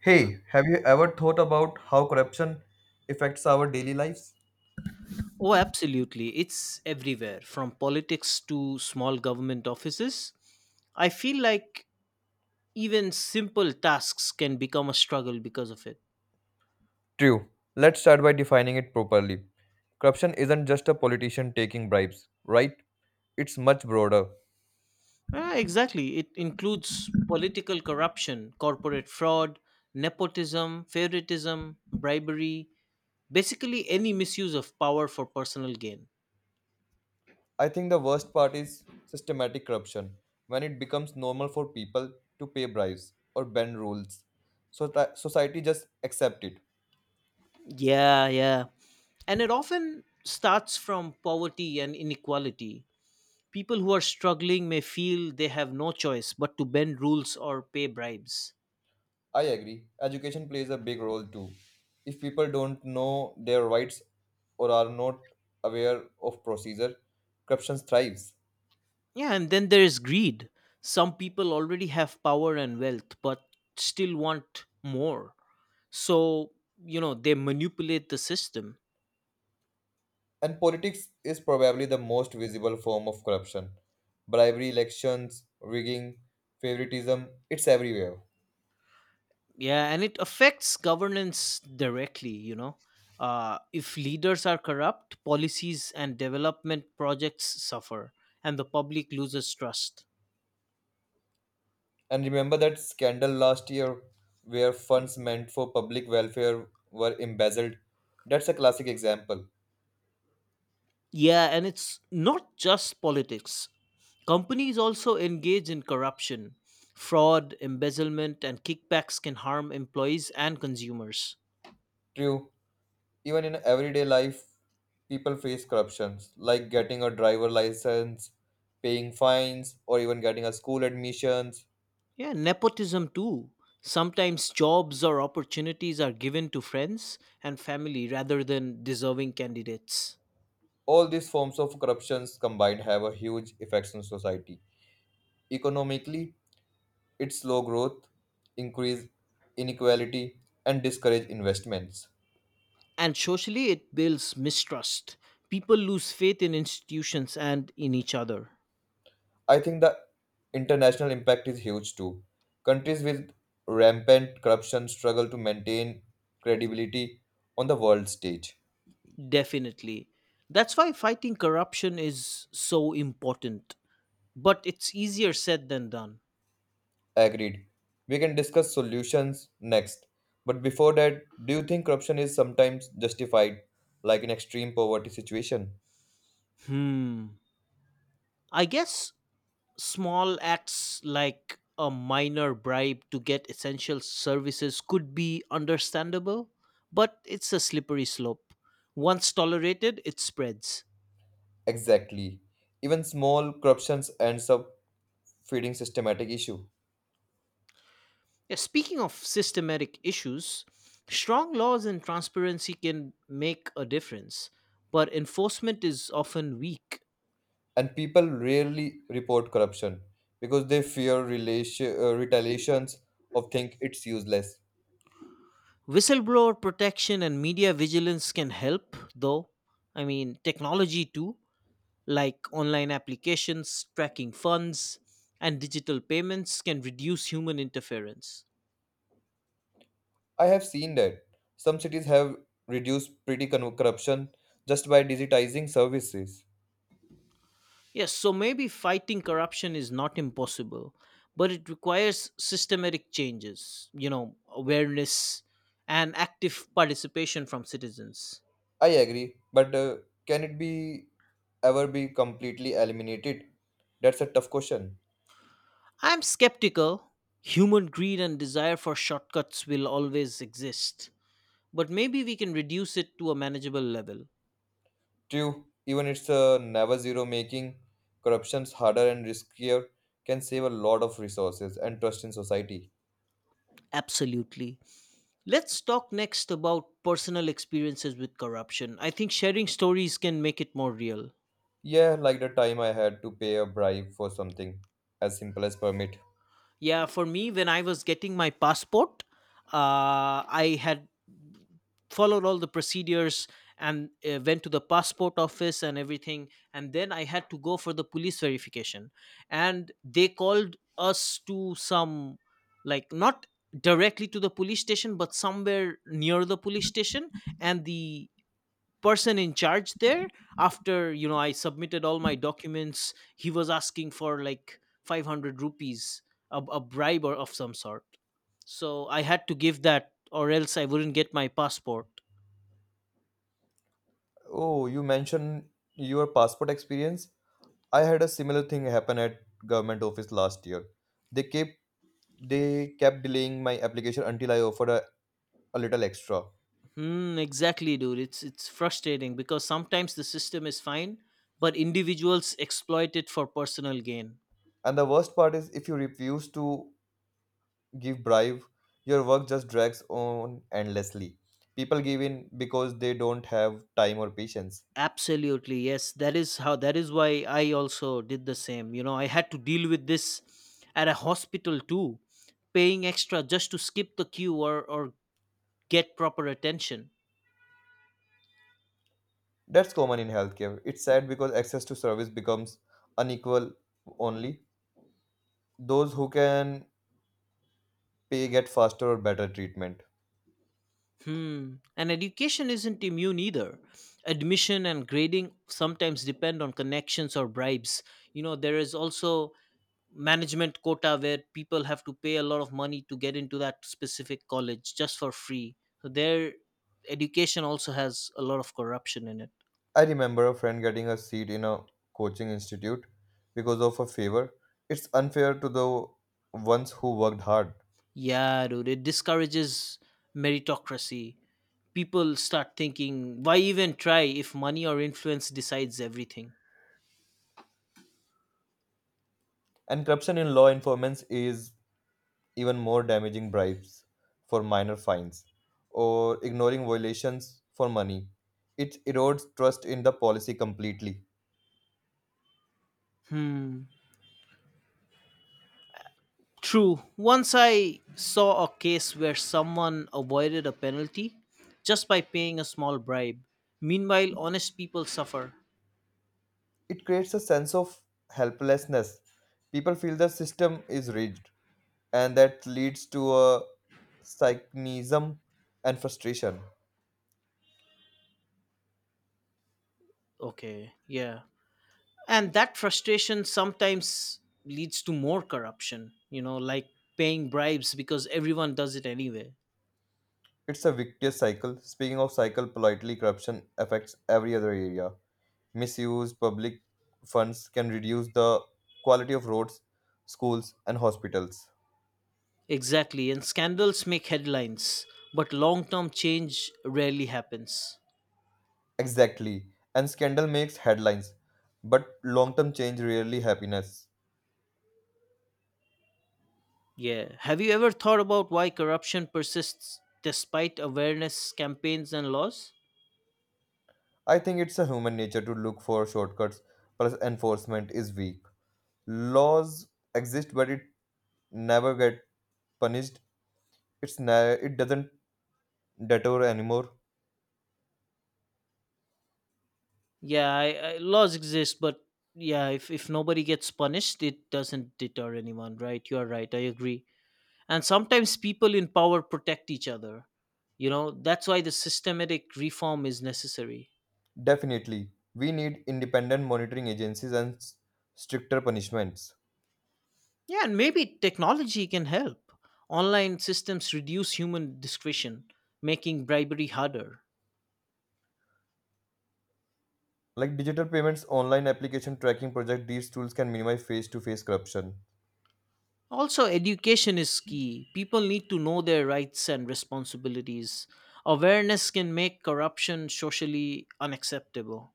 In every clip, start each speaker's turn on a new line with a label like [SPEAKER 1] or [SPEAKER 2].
[SPEAKER 1] Hey, have you ever thought about how corruption affects our daily lives?
[SPEAKER 2] Oh, absolutely. It's everywhere, from politics to small government offices. I feel like even simple tasks can become a struggle because of it.
[SPEAKER 1] True. Let's start by defining it properly. Corruption isn't just a politician taking bribes, right? It's much broader.
[SPEAKER 2] Ah, exactly. It includes political corruption, corporate fraud, nepotism, favoritism, bribery, basically any misuse of power for personal gain.
[SPEAKER 1] I think the worst part is systematic corruption, when it becomes normal for people to pay bribes or bend rules. So that society just accept it.
[SPEAKER 2] Yeah, yeah. And it often starts from poverty and inequality. People who are struggling may feel they have no choice but to bend rules or pay bribes.
[SPEAKER 1] I agree. Education plays a big role too. If people don't know their rights or are not aware of procedure, corruption thrives.
[SPEAKER 2] Yeah, and then there is greed. Some people already have power and wealth, but still want more. So, you know, they manipulate the system.
[SPEAKER 1] And politics is probably the most visible form of corruption. Bribery, elections, rigging, favoritism, it's everywhere.
[SPEAKER 2] Yeah, and it affects governance directly. If leaders are corrupt, policies and development projects suffer, and the public loses trust.
[SPEAKER 1] And remember that scandal last year where funds meant for public welfare were embezzled? That's a classic example.
[SPEAKER 2] Yeah, and it's not just politics. Companies also engage in corruption. Fraud, embezzlement, and kickbacks can harm employees and consumers.
[SPEAKER 1] True, even in everyday life, people face corruptions like getting a driver license, paying fines, or even getting a school admissions.
[SPEAKER 2] Yeah, nepotism too. Sometimes jobs or opportunities are given to friends and family rather than deserving candidates.
[SPEAKER 1] All these forms of corruptions combined have a huge effect on society. Economically, its slow growth, increase inequality, and discourage investments.
[SPEAKER 2] And socially, it builds mistrust. People lose faith in institutions and in each other.
[SPEAKER 1] I think the international impact is huge too. Countries with rampant corruption struggle to maintain credibility on the world stage.
[SPEAKER 2] Definitely. That's why fighting corruption is so important, but it's easier said than done.
[SPEAKER 1] Agreed. We can discuss solutions next. But before that, do you think corruption is sometimes justified, like in extreme poverty situation?
[SPEAKER 2] Hmm. I guess small acts like a minor bribe to get essential services could be understandable, but it's a slippery slope. Once tolerated, it spreads.
[SPEAKER 1] Exactly. Even small corruptions ends up feeding systematic issue.
[SPEAKER 2] Yeah, speaking of systematic issues, strong laws and transparency can make a difference, but enforcement is often weak.
[SPEAKER 1] And people rarely report corruption because they fear relation, retaliations or think it's useless.
[SPEAKER 2] Whistleblower protection and media vigilance can help, though. I mean, technology too, like online applications, tracking funds, and digital payments can reduce human interference.
[SPEAKER 1] I have seen that. Some cities have reduced corruption just by digitizing services.
[SPEAKER 2] Yes, so maybe fighting corruption is not impossible, but it requires systematic changes, you know, awareness and active participation from citizens.
[SPEAKER 1] I agree, but can it be ever be completely eliminated? That's a tough question.
[SPEAKER 2] I'm skeptical. Human greed and desire for shortcuts will always exist, but maybe we can reduce it to a manageable level.
[SPEAKER 1] True, even it's a never zero making corruptions harder and riskier can save a lot of resources and trust in society.
[SPEAKER 2] Absolutely. Let's talk next about personal experiences with corruption. I think sharing stories can make it more real.
[SPEAKER 1] Yeah, like the time I had to pay a bribe for something as simple as permit.
[SPEAKER 2] Yeah, for me, when I was getting my passport, I had followed all the procedures and went to the passport office and everything. And then I had to go for the police verification. And they called us to some, like, not directly to the police station, but somewhere near the police station. And the person in charge there, after I submitted all my documents, he was asking for like 500 rupees, a bribe or of some sort. So I had to give that or else I wouldn't get my passport.
[SPEAKER 1] Oh, you mentioned your passport experience. I had a similar thing happen at government office last year. They kept they kept delaying my application until I offered a little extra.
[SPEAKER 2] Hmm, exactly, dude. It's frustrating because sometimes the system is fine, but individuals exploit it for personal gain.
[SPEAKER 1] And the worst part is if you refuse to give bribe, your work just drags on endlessly. People give in because they don't have time or patience.
[SPEAKER 2] Absolutely, yes. That is why I also did the same. You know, I had to deal with this at a hospital too, paying extra just to skip the queue or get proper attention.
[SPEAKER 1] That's common in healthcare. It's sad because access to service becomes unequal only. Those who can pay get faster or better treatment.
[SPEAKER 2] Hmm, and education isn't immune either. Admission and grading sometimes depend on connections or bribes. You know, there is also management quota where people have to pay a lot of money to get into that specific college just for free. So their education also has a lot of corruption in it.
[SPEAKER 1] I remember a friend getting a seat in a coaching institute because of a favor. It's unfair to the ones who worked hard.
[SPEAKER 2] Yeah, dude, it discourages meritocracy. People start thinking, why even try if money or influence decides everything?
[SPEAKER 1] And corruption in law enforcement is even more damaging bribes for minor fines, or ignoring violations for money. It erodes trust in the policy completely.
[SPEAKER 2] Hmm. True. Once I saw a case where someone avoided a penalty just by paying a small bribe. Meanwhile, honest people suffer.
[SPEAKER 1] It creates a sense of helplessness. People feel the system is rigged, and that leads to a cynicism and frustration.
[SPEAKER 2] Okay, yeah. And that frustration sometimes leads to more corruption, you know, like paying bribes because everyone does it anyway.
[SPEAKER 1] It's a victious cycle. Speaking of cycle, politely corruption affects every other area. Misuse public funds can reduce the quality of roads, schools, and hospitals.
[SPEAKER 2] Exactly, and scandals make headlines, but long term change rarely happens.
[SPEAKER 1] Exactly. And scandal makes headlines, but long term change rarely happiness.
[SPEAKER 2] Yeah, have you ever thought about why corruption persists despite awareness campaigns and laws?
[SPEAKER 1] I think it's a human nature to look for shortcuts, plus enforcement is weak. Laws exist, but it never get punished. It doesn't deter anymore.
[SPEAKER 2] Yeah, laws exist, but yeah, if nobody gets punished, it doesn't deter anyone, right? You are right, I agree. And sometimes people in power protect each other. You know, that's why the systematic reform is necessary.
[SPEAKER 1] Definitely, we need independent monitoring agencies and stricter punishments.
[SPEAKER 2] Yeah, and maybe technology can help. Online systems reduce human discretion, making bribery harder.
[SPEAKER 1] Like digital payments, online application tracking project, these tools can minimize face to face corruption.
[SPEAKER 2] Also, education is key. People need to know their rights and responsibilities. Awareness can make corruption socially unacceptable.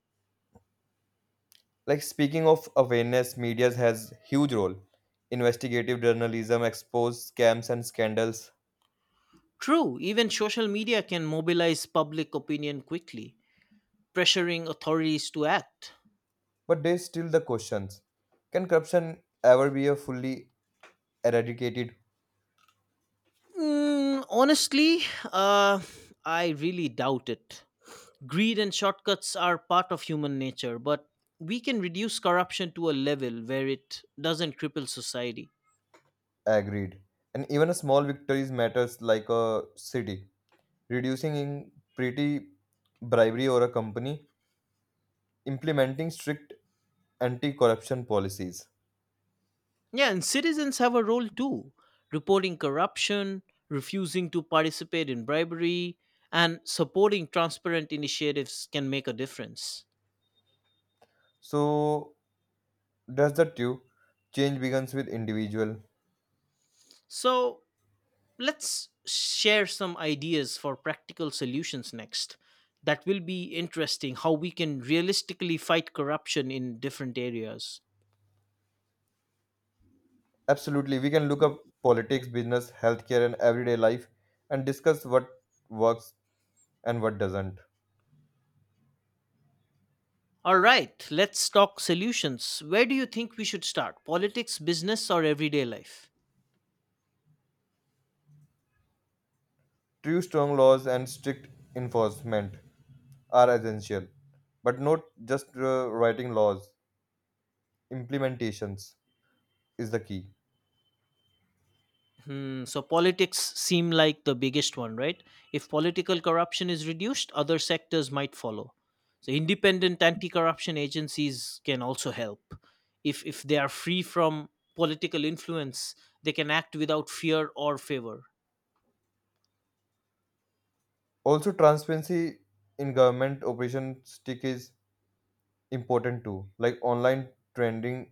[SPEAKER 1] Like speaking of awareness, media has huge role. Investigative journalism expose scams and scandals,
[SPEAKER 2] True, even social media can mobilize public opinion quickly, pressuring authorities to act.
[SPEAKER 1] but they still the questions. Can corruption ever be a fully eradicated?
[SPEAKER 2] Mm, honestly, uh, I really doubt it. Greed and shortcuts are part of human nature, but we can reduce corruption to a level where it doesn't cripple society.
[SPEAKER 1] Agreed. And even a small victories matters like a city reducing in pretty bribery or a company implementing strict anti-corruption policies.
[SPEAKER 2] Yeah, and citizens have a role too, reporting corruption, refusing to participate in bribery, and supporting transparent initiatives can make a difference.
[SPEAKER 1] So that's the two. Change begins with individual.
[SPEAKER 2] So, let's share some ideas for practical solutions next. That will be interesting, how we can realistically fight corruption in different areas.
[SPEAKER 1] Absolutely, we can look up politics, business, healthcare, and everyday life and discuss what works and what doesn't.
[SPEAKER 2] All right, let's talk solutions. Where do you think we should start? Politics, business, or everyday life?
[SPEAKER 1] True strong laws and strict enforcement are essential, but not just writing laws, implementations is the key.
[SPEAKER 2] Hmm. So politics seem like the biggest one, right? If political corruption is reduced, other sectors might follow. So independent anti-corruption agencies can also help. If they are free from political influence, they can act without fear or favor.
[SPEAKER 1] Also, transparency in government operation stick is important too, like online trending,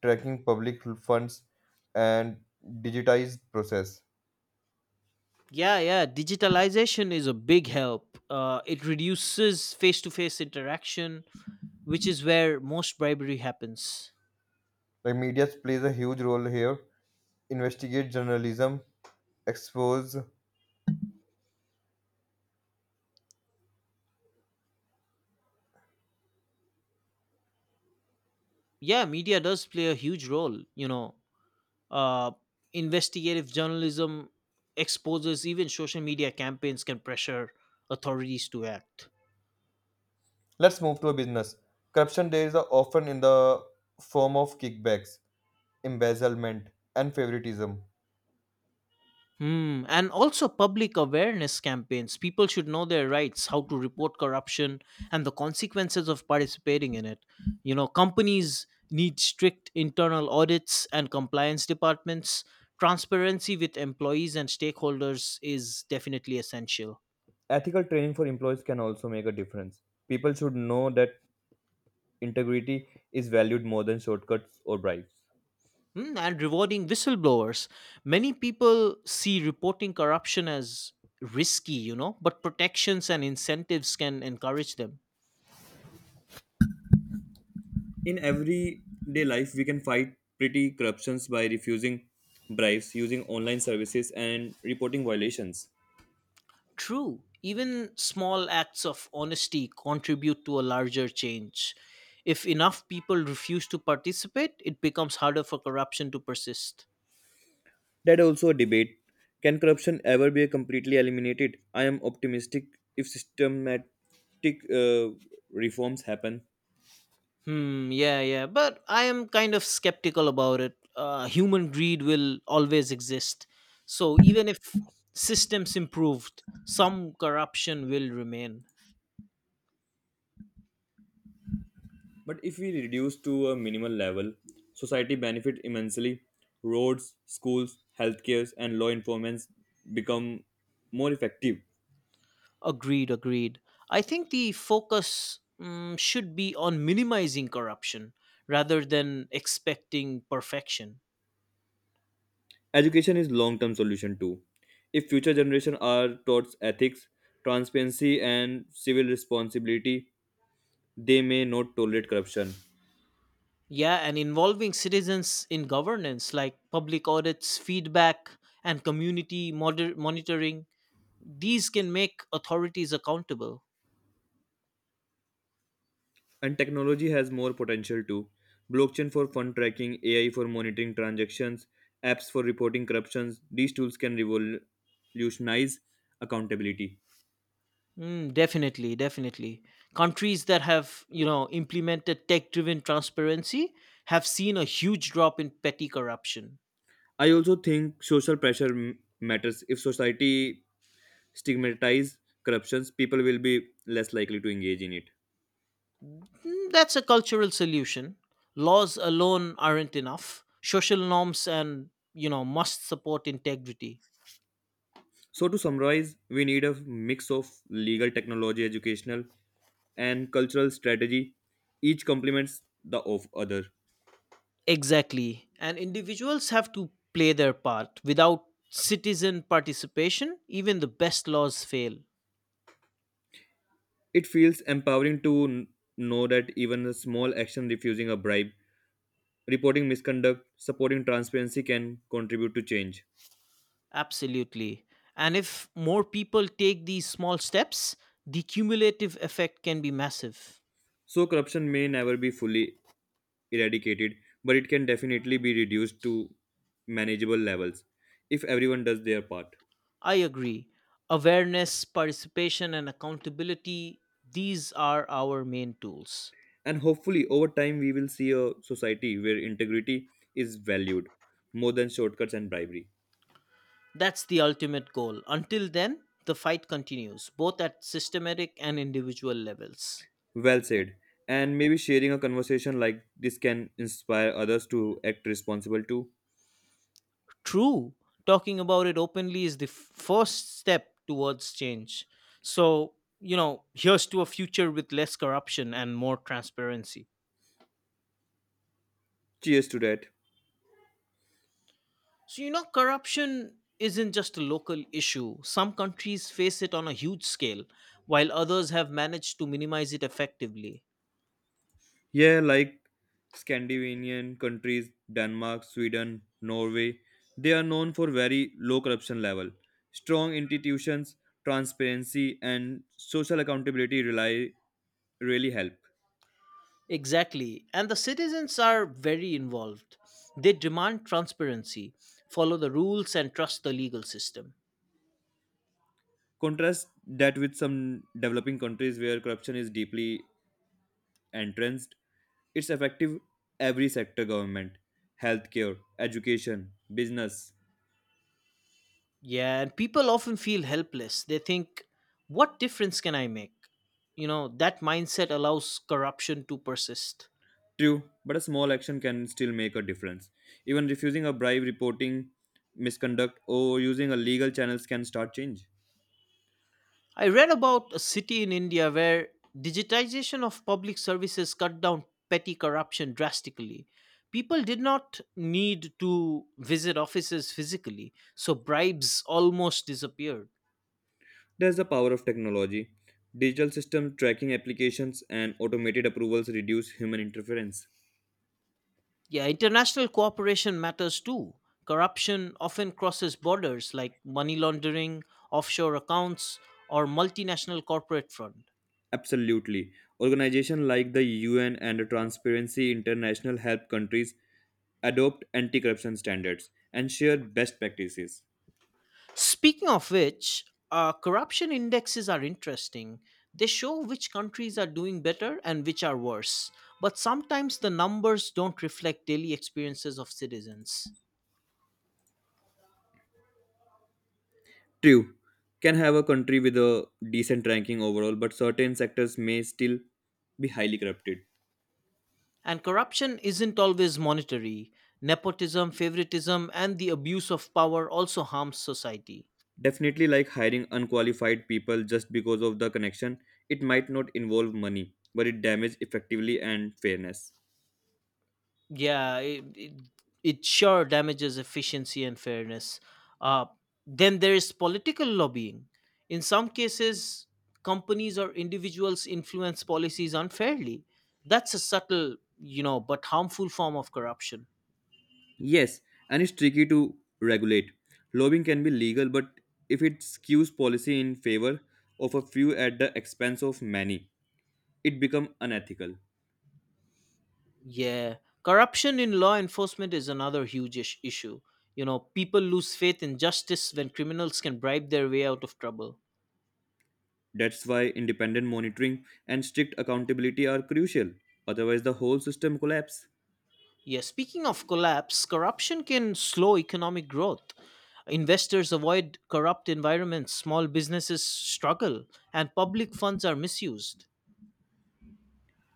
[SPEAKER 1] tracking public funds, and digitized process.
[SPEAKER 2] Yeah, yeah. Digitalization is a big help. It reduces face-to-face interaction, which is where most bribery happens.
[SPEAKER 1] Like media plays a huge role here investigate journalism, expose.
[SPEAKER 2] Yeah, media does play a huge role. You know, Uh, investigative journalism exposes, even social media campaigns can pressure authorities to act.
[SPEAKER 1] Let's move to a business. Corruption there is are often in the form of kickbacks, embezzlement, and favoritism.
[SPEAKER 2] Hmm. And also public awareness campaigns. People should know their rights, how to report corruption, and the consequences of participating in it. You know, companies need strict internal audits and compliance departments. Transparency with employees and stakeholders is definitely essential.
[SPEAKER 1] Ethical training for employees can also make a difference. People should know that integrity is valued more than shortcuts or bribes.
[SPEAKER 2] Mm, and rewarding whistleblowers. Many people see reporting corruption as risky, you know, but protections and incentives can encourage them.
[SPEAKER 1] In everyday life, we can fight petty corruptions by refusing bribes, using online services, and reporting violations.
[SPEAKER 2] True, even small acts of honesty contribute to a larger change. If enough people refuse to participate, it becomes harder for corruption to persist.
[SPEAKER 1] That also a debate. Can corruption ever be completely eliminated? I am optimistic if systematic uh, reforms happen.
[SPEAKER 2] Hmm. Yeah. Yeah. But I am kind of skeptical about it. Human greed will always exist. So even if systems improved, some corruption will remain.
[SPEAKER 1] But if we reduce to a minimal level, society benefit immensely. Roads, schools, healthcares, and law enforcement become more effective.
[SPEAKER 2] Agreed. Agreed. I think the focus, mm, should be on minimizing corruption rather than expecting perfection.
[SPEAKER 1] Education is long-term solution too. If future generation are taught ethics, transparency, and civil responsibility, they may not tolerate corruption.
[SPEAKER 2] Yeah, and involving citizens in governance, like public audits, feedback, and community monitoring. These can make authorities accountable.
[SPEAKER 1] And technology has more potential too. Blockchain for fund tracking, AI for monitoring transactions, apps for reporting corruptions. These tools can revolutionize accountability.
[SPEAKER 2] Mm, definitely, definitely. Countries that have, you know, implemented tech-driven transparency have seen a huge drop in petty corruption.
[SPEAKER 1] I also think social pressure matters. If society stigmatizes corruptions, people will be less likely to engage in it.
[SPEAKER 2] Mm, that's a cultural solution. Laws alone aren't enough. Social norms and, you know, must support integrity.
[SPEAKER 1] So to summarize, we need a mix of legal technology, educational, and cultural strategy. Each complements the of other.
[SPEAKER 2] Exactly. And individuals have to play their part. Without citizen participation, even the best laws fail.
[SPEAKER 1] It feels empowering to know that even a small action refusing a bribe, reporting misconduct, supporting transparency can contribute to change.
[SPEAKER 2] Absolutely. And if more people take these small steps, the cumulative effect can be massive.
[SPEAKER 1] So, corruption may never be fully eradicated, but it can definitely be reduced to manageable levels if everyone does their part.
[SPEAKER 2] I agree. Awareness, participation, and accountability, these are our main tools.
[SPEAKER 1] And hopefully, over time, we will see a society where integrity is valued more than shortcuts and bribery.
[SPEAKER 2] That's the ultimate goal. Until then, the fight continues, both at systematic and individual levels.
[SPEAKER 1] Well said. And maybe sharing a conversation like this can inspire others to act responsible too.
[SPEAKER 2] True, talking about it openly is the first step towards change. So, you know, here's to a future with less corruption and more transparency.
[SPEAKER 1] Cheers to that.
[SPEAKER 2] So, you know, corruption isn't just a local issue. Some countries face it on a huge scale, while others have managed to minimize it effectively.
[SPEAKER 1] Yeah, like Scandinavian countries, Denmark, Sweden, Norway, they are known for very low corruption level. Strong institutions, transparency and social accountability rely really help.
[SPEAKER 2] Exactly. And the citizens are very involved. They demand transparency, follow the rules, and trust the legal system.
[SPEAKER 1] Contrast that with some developing countries where corruption is deeply entrenched. It's effective every sector government, healthcare, education, business.
[SPEAKER 2] Yeah, and people often feel helpless. They think, what difference can I make? You know, that mindset allows corruption to persist.
[SPEAKER 1] True, but a small action can still make a difference. Even refusing a bribe, reporting misconduct, or using a legal channels can start change.
[SPEAKER 2] I read about a city in India where digitization of public services cut down petty corruption drastically. People did not need to visit offices physically, so bribes almost disappeared.
[SPEAKER 1] There's the power of technology. Digital system tracking applications and automated approvals reduce human interference.
[SPEAKER 2] Yeah, international cooperation matters too. Corruption often crosses borders, like money laundering, offshore accounts, or multinational corporate fraud.
[SPEAKER 1] Absolutely. Organizations like the UN and Transparency International help countries adopt anti corruption standards and share best practices.
[SPEAKER 2] Speaking of which, corruption indexes are interesting. They show which countries are doing better and which are worse. But sometimes the numbers don't reflect daily experiences of citizens.
[SPEAKER 1] True, can have a country with a decent ranking overall, but certain sectors may still be highly corrupted.
[SPEAKER 2] And corruption isn't always monetary. Nepotism, favoritism, and the abuse of power also harms society.
[SPEAKER 1] Definitely, like hiring unqualified people just because of the connection, it might not involve money, but it damages effectively and fairness.
[SPEAKER 2] Yeah, it sure damages efficiency and fairness. Uh, then there is political lobbying. In some cases, companies or individuals influence policies unfairly. That's a subtle, you know, but harmful form of corruption.
[SPEAKER 1] Yes, and it's tricky to regulate. Lobbying can be legal, but if it skews policy in favor of a few at the expense of many, it becomes unethical.
[SPEAKER 2] Yeah, corruption in law enforcement is another huge issue. You know, people lose faith in justice when criminals can bribe their way out of trouble.
[SPEAKER 1] That's why independent monitoring and strict accountability are crucial. Otherwise, the whole system collapses.
[SPEAKER 2] Yeah, speaking of collapse, corruption can slow economic growth. Investors avoid corrupt environments, small businesses struggle, and public funds are misused.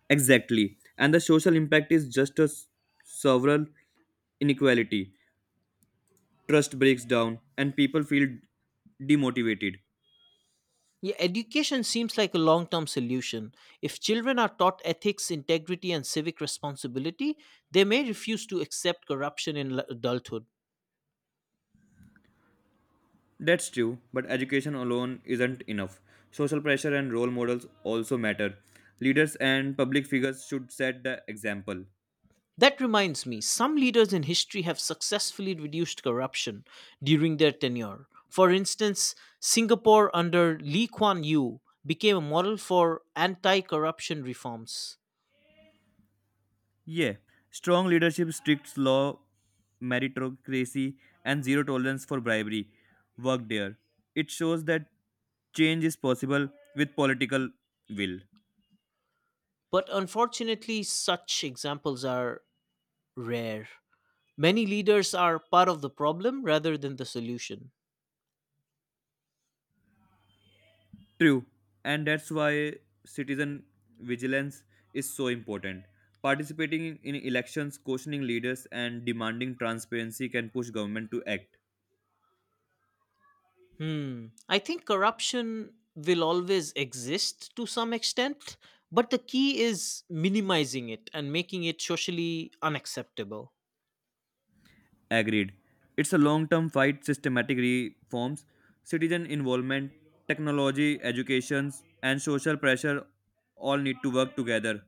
[SPEAKER 1] Exactly. And the social impact is just a several inequality. Trust breaks down and people feel demotivated.
[SPEAKER 2] Yeah, education seems like a long term solution. If children are taught ethics, integrity, and civic responsibility, they may refuse to accept corruption in adulthood.
[SPEAKER 1] That's true, but education alone isn't enough. Social pressure and role models also matter. Leaders and public figures should set the example.
[SPEAKER 2] That reminds me, some leaders in history have successfully reduced corruption during their tenure. For instance, Singapore under Lee Kuan Yew became a model for anti corruption reforms.
[SPEAKER 1] Yeah, strong leadership, strict law, meritocracy, and zero tolerance for bribery work there. It shows that change is possible with political will.
[SPEAKER 2] But unfortunately, such examples are rare. Many leaders are part of the problem rather than the solution.
[SPEAKER 1] True, and that's why citizen vigilance is so important. Participating in elections, questioning leaders, and demanding transparency can push government to act.
[SPEAKER 2] Hmm. I think corruption will always exist to some extent, but the key is minimizing it and making it socially unacceptable.
[SPEAKER 1] Agreed. It's a long term fight, systematic reforms, citizen involvement, technology, education, and social pressure all need to work together.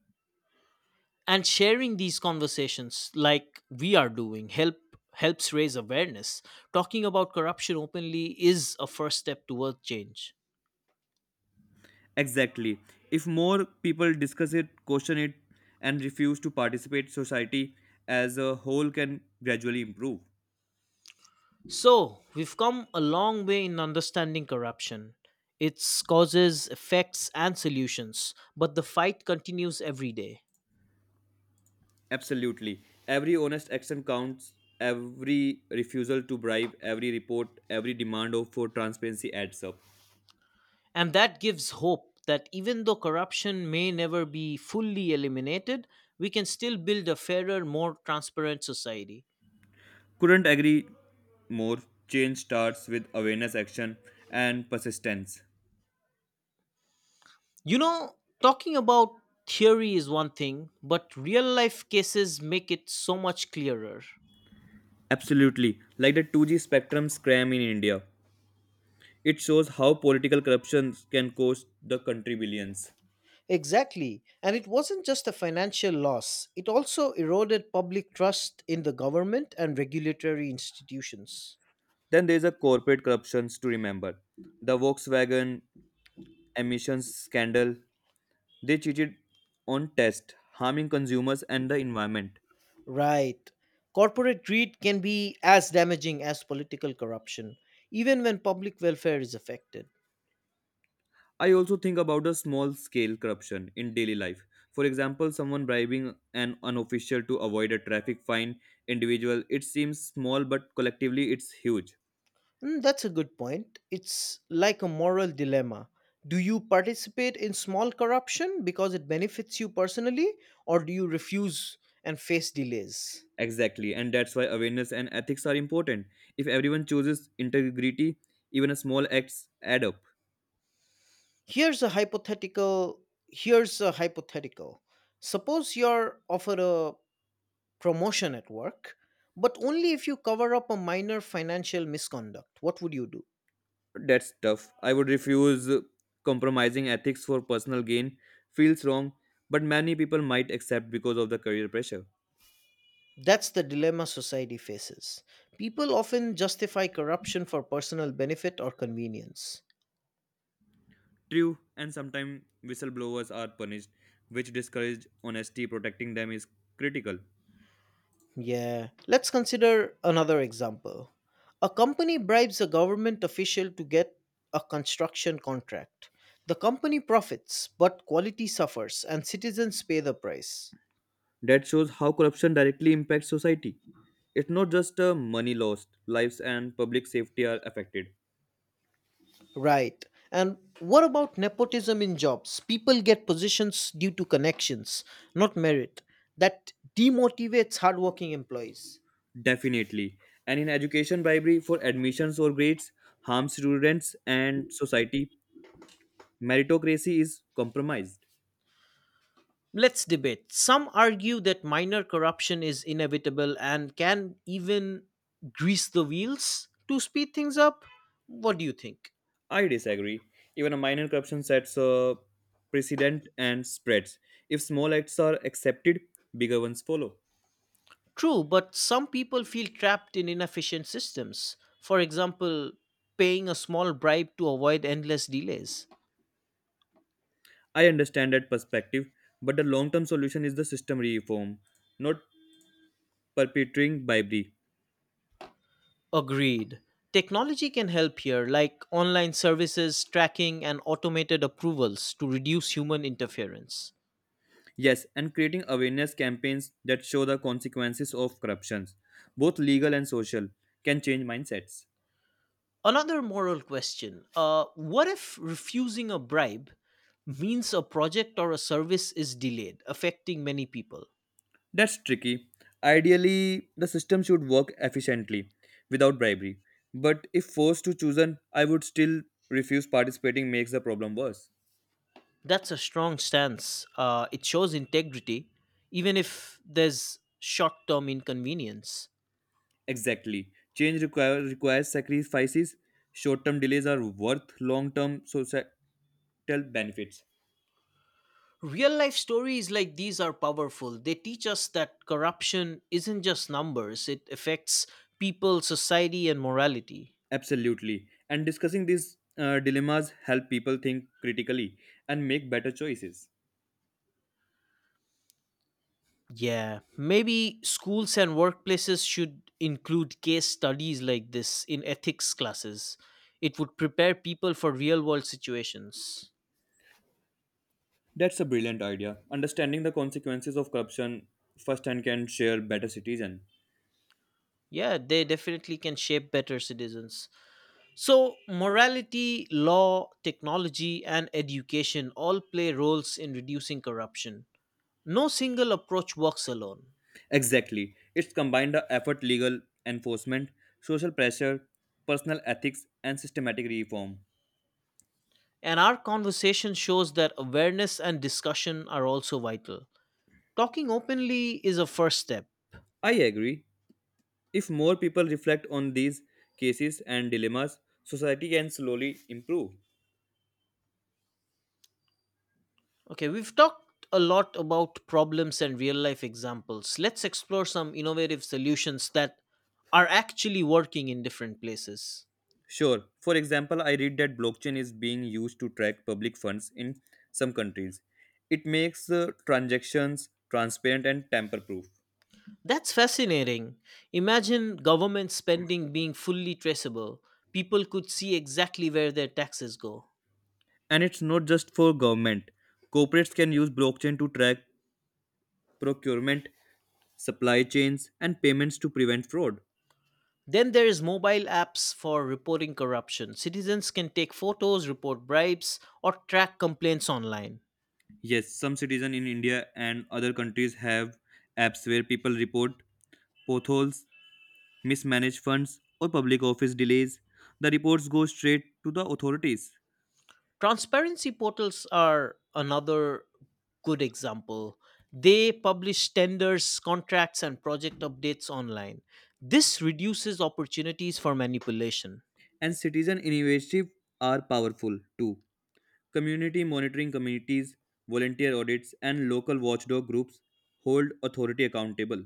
[SPEAKER 2] And sharing these conversations like we are doing helps raise awareness. Talking about corruption openly is a first step towards change.
[SPEAKER 1] Exactly. If more people discuss it, question it, and refuse to participate, society as a whole can gradually improve.
[SPEAKER 2] So, we've come a long way in understanding corruption, its causes, effects, and solutions, but the fight continues every day.
[SPEAKER 1] Absolutely. Every honest action counts, every refusal to bribe, every report, every demand for transparency adds up.
[SPEAKER 2] And that gives hope that even though corruption may never be fully eliminated, we can still build a fairer, more transparent society.
[SPEAKER 1] Couldn't agree more. Change starts with awareness, action, and persistence.
[SPEAKER 2] You know, talking about theory is one thing, but real life cases make it so much clearer.
[SPEAKER 1] Absolutely. Like the 2G spectrum scam in India. It shows how political corruption can cost the country billions.
[SPEAKER 2] Exactly. And it wasn't just a financial loss, it also eroded public trust in the government and regulatory institutions.
[SPEAKER 1] Then there's a corporate corruptions to remember. The Volkswagen emissions scandal. They cheated on tests, harming consumers and the environment.
[SPEAKER 2] Right. Corporate greed can be as damaging as political corruption, even when public welfare is affected.
[SPEAKER 1] I also think about the small scale corruption in daily life. For example, someone bribing an unofficial to avoid a traffic fine individual. It seems small, but collectively it's huge.
[SPEAKER 2] Mm, that's a good point. It's like a moral dilemma. Do you participate in small corruption because it benefits you personally, or do you refuse and face delays?
[SPEAKER 1] Exactly, and that's why awareness and ethics are important. If everyone chooses integrity, even a small acts add up.
[SPEAKER 2] Here's a hypothetical. Here's a hypothetical. Suppose you're offered a promotion at work, but only if you cover up a minor financial misconduct. What would you do?
[SPEAKER 1] That's tough. I would refuse compromising ethics for personal gain. Feels wrong, but many people might accept because of the career pressure.
[SPEAKER 2] That's the dilemma society faces. People often justify corruption for personal benefit or convenience.
[SPEAKER 1] True, and sometimes whistleblowers are punished, which discourages honesty. Protecting them is critical.
[SPEAKER 2] Yeah, let's consider another example. A company bribes a government official to get a construction contract. The company profits, but quality suffers and citizens pay the price.
[SPEAKER 1] That shows how corruption directly impacts society. It's not just money lost, lives and public safety are affected.
[SPEAKER 2] Right. And what about nepotism in jobs? People get positions due to connections, not merit. That demotivates hardworking employees.
[SPEAKER 1] Definitely. And in education, bribery for admissions or grades harms students and society. Meritocracy is compromised.
[SPEAKER 2] Let's debate. Some argue that minor corruption is inevitable and can even grease the wheels to speed things up. What do you think?
[SPEAKER 1] I disagree. Even a minor corruption sets a precedent and spreads. If small acts are accepted, bigger ones follow.
[SPEAKER 2] True, but some people feel trapped in inefficient systems. For example, paying a small bribe to avoid endless delays.
[SPEAKER 1] I understand that perspective, but the long term solution is the system reform, not perpetrating bribery.
[SPEAKER 2] Agreed. Technology can help here, like online services, tracking, and automated approvals to reduce human interference.
[SPEAKER 1] Yes, and creating awareness campaigns that show the consequences of corruptions, both legal and social, can change mindsets.
[SPEAKER 2] Another moral question, what if refusing a bribe means a project or a service is delayed, affecting many people?
[SPEAKER 1] That's tricky. Ideally, the system should work efficiently without bribery, but if forced to chosen, I would still refuse participating makes the problem worse.
[SPEAKER 2] That's a strong stance. It shows integrity, even if there's short term inconvenience.
[SPEAKER 1] Exactly. Requires sacrifices. Short term delays are worth long term benefits.
[SPEAKER 2] Real life stories like these are powerful. They teach us that corruption isn't just numbers, it affects people, society, and morality.
[SPEAKER 1] Absolutely, and discussing these dilemmas help people think critically and make better choices.
[SPEAKER 2] Yeah, maybe schools and workplaces should include case studies like this in ethics classes. It would prepare people for real world situations.
[SPEAKER 1] That's a brilliant idea. Understanding the consequences of corruption firsthand can share better citizen.
[SPEAKER 2] Yeah, they definitely can shape better citizens. So, morality, law, technology, and education all play roles in reducing corruption. No single approach works alone.
[SPEAKER 1] Exactly, it's combined the effort legal enforcement, social pressure, personal ethics and systematic reform.
[SPEAKER 2] And our conversation shows that awareness and discussion are also vital. Talking openly is a first step.
[SPEAKER 1] I agree, if more people reflect on these cases and dilemmas, society can slowly improve.
[SPEAKER 2] Okay, we've talked a lot about problems and real life examples. Let's explore some innovative solutions that are actually working in different places.
[SPEAKER 1] Sure. For example, I read that blockchain is being used to track public funds in some countries. It makes transactions transparent and tamper proof.
[SPEAKER 2] That's fascinating. Imagine government spending being fully traceable. People could see exactly where their taxes go.
[SPEAKER 1] And it's not just for government. Corporates can use blockchain to track procurement, supply chains, and payments to prevent fraud.
[SPEAKER 2] Then there is mobile apps for reporting corruption. Citizens can take photos, report bribes, or track complaints online.
[SPEAKER 1] Yes, some citizens in India and other countries have apps where people report potholes, mismanaged funds, or public office delays. The reports go straight to the authorities.
[SPEAKER 2] Transparency portals are another good example. They publish tenders, contracts, and project updates online. This reduces opportunities for manipulation.
[SPEAKER 1] And citizen initiative are powerful too. Community monitoring committees, volunteer audits, and local watchdog groups hold authority accountable.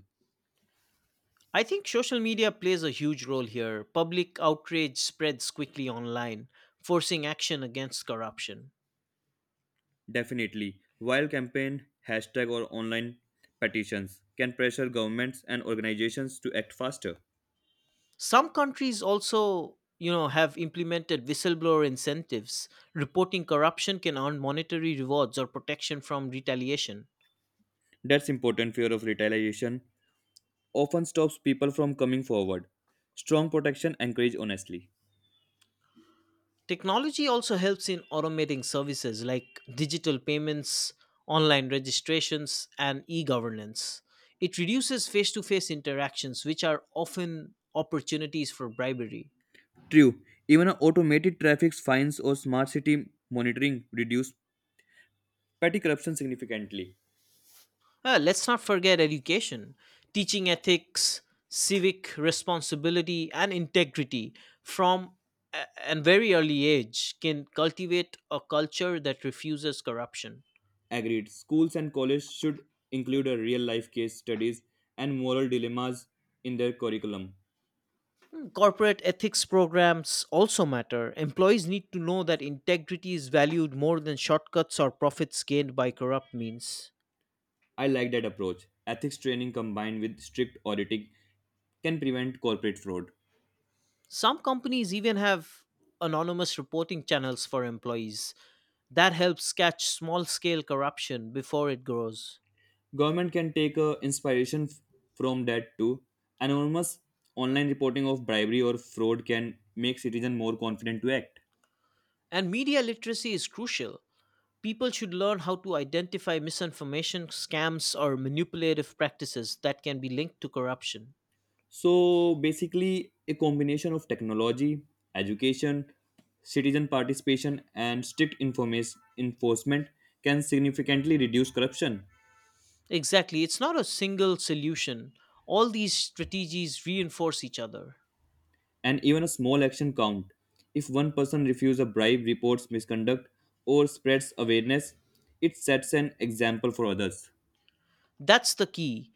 [SPEAKER 2] I think social media plays a huge role here. Public outrage spreads quickly online, forcing action against corruption.
[SPEAKER 1] Definitely, while campaign, hashtag, or online petitions can pressure governments and organizations to act faster.
[SPEAKER 2] Some countries also, you know, have implemented whistleblower incentives. Reporting corruption can earn monetary rewards or protection from retaliation.
[SPEAKER 1] That's important fear of retaliation often stops people from coming forward. Strong protection encourage honestly.
[SPEAKER 2] Technology also helps in automating services like digital payments, online registrations, and e governance. It reduces face to face interactions, which are often opportunities for bribery.
[SPEAKER 1] True, even automated traffic fines or smart city monitoring reduce petty corruption significantly.
[SPEAKER 2] Let's not forget education, teaching ethics, civic responsibility, and integrity from a an very early age can cultivate a culture that refuses corruption.
[SPEAKER 1] Agreed. Schools and colleges should include a real life case studies and moral dilemmas in their curriculum.
[SPEAKER 2] Corporate ethics programs also matter. Employees need to know that integrity is valued more than shortcuts or profits gained by corrupt means.
[SPEAKER 1] I like that approach. Ethics training combined with strict auditing can prevent corporate fraud.
[SPEAKER 2] Some companies even have anonymous reporting channels for employees. That helps catch small scale corruption before it grows.
[SPEAKER 1] Government can take inspiration from that too. Anonymous online reporting of bribery or fraud can make citizens more confident to act.
[SPEAKER 2] And media literacy is crucial. People should learn how to identify misinformation, scams, or manipulative practices that can be linked to corruption.
[SPEAKER 1] So basically, a combination of technology, education, citizen participation, and strict enforcement can significantly reduce corruption.
[SPEAKER 2] Exactly. It's not a single solution. All these strategies reinforce each other.
[SPEAKER 1] And even a small action count. If one person refuses a bribe, reports misconduct, or spreads awareness, it sets an example for others.
[SPEAKER 2] That's the key.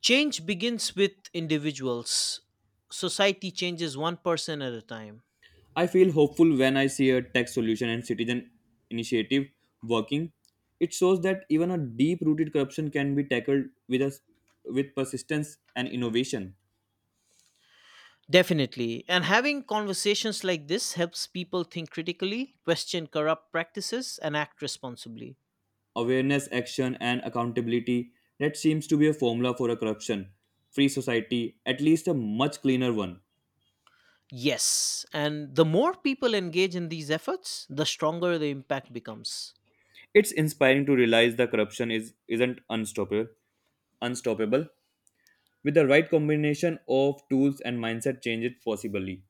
[SPEAKER 2] Change begins with individuals. Society changes one person at a time.
[SPEAKER 1] I feel hopeful when I see a tech solution and citizen initiative working. It shows that even a deep-rooted corruption can be tackled with us with persistence and innovation.
[SPEAKER 2] Definitely. And having conversations like this helps people think critically, question corrupt practices, and act responsibly.
[SPEAKER 1] Awareness, action, and accountability that seems to be a formula for a corruption-free society, at least a much cleaner one.
[SPEAKER 2] Yes. And the more people engage in these efforts, the stronger the impact becomes.
[SPEAKER 1] It's inspiring to realize the corruption is isn't unstoppable. Unstoppable. With the right combination of tools and mindset change, it possibly.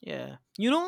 [SPEAKER 2] Yeah. You know,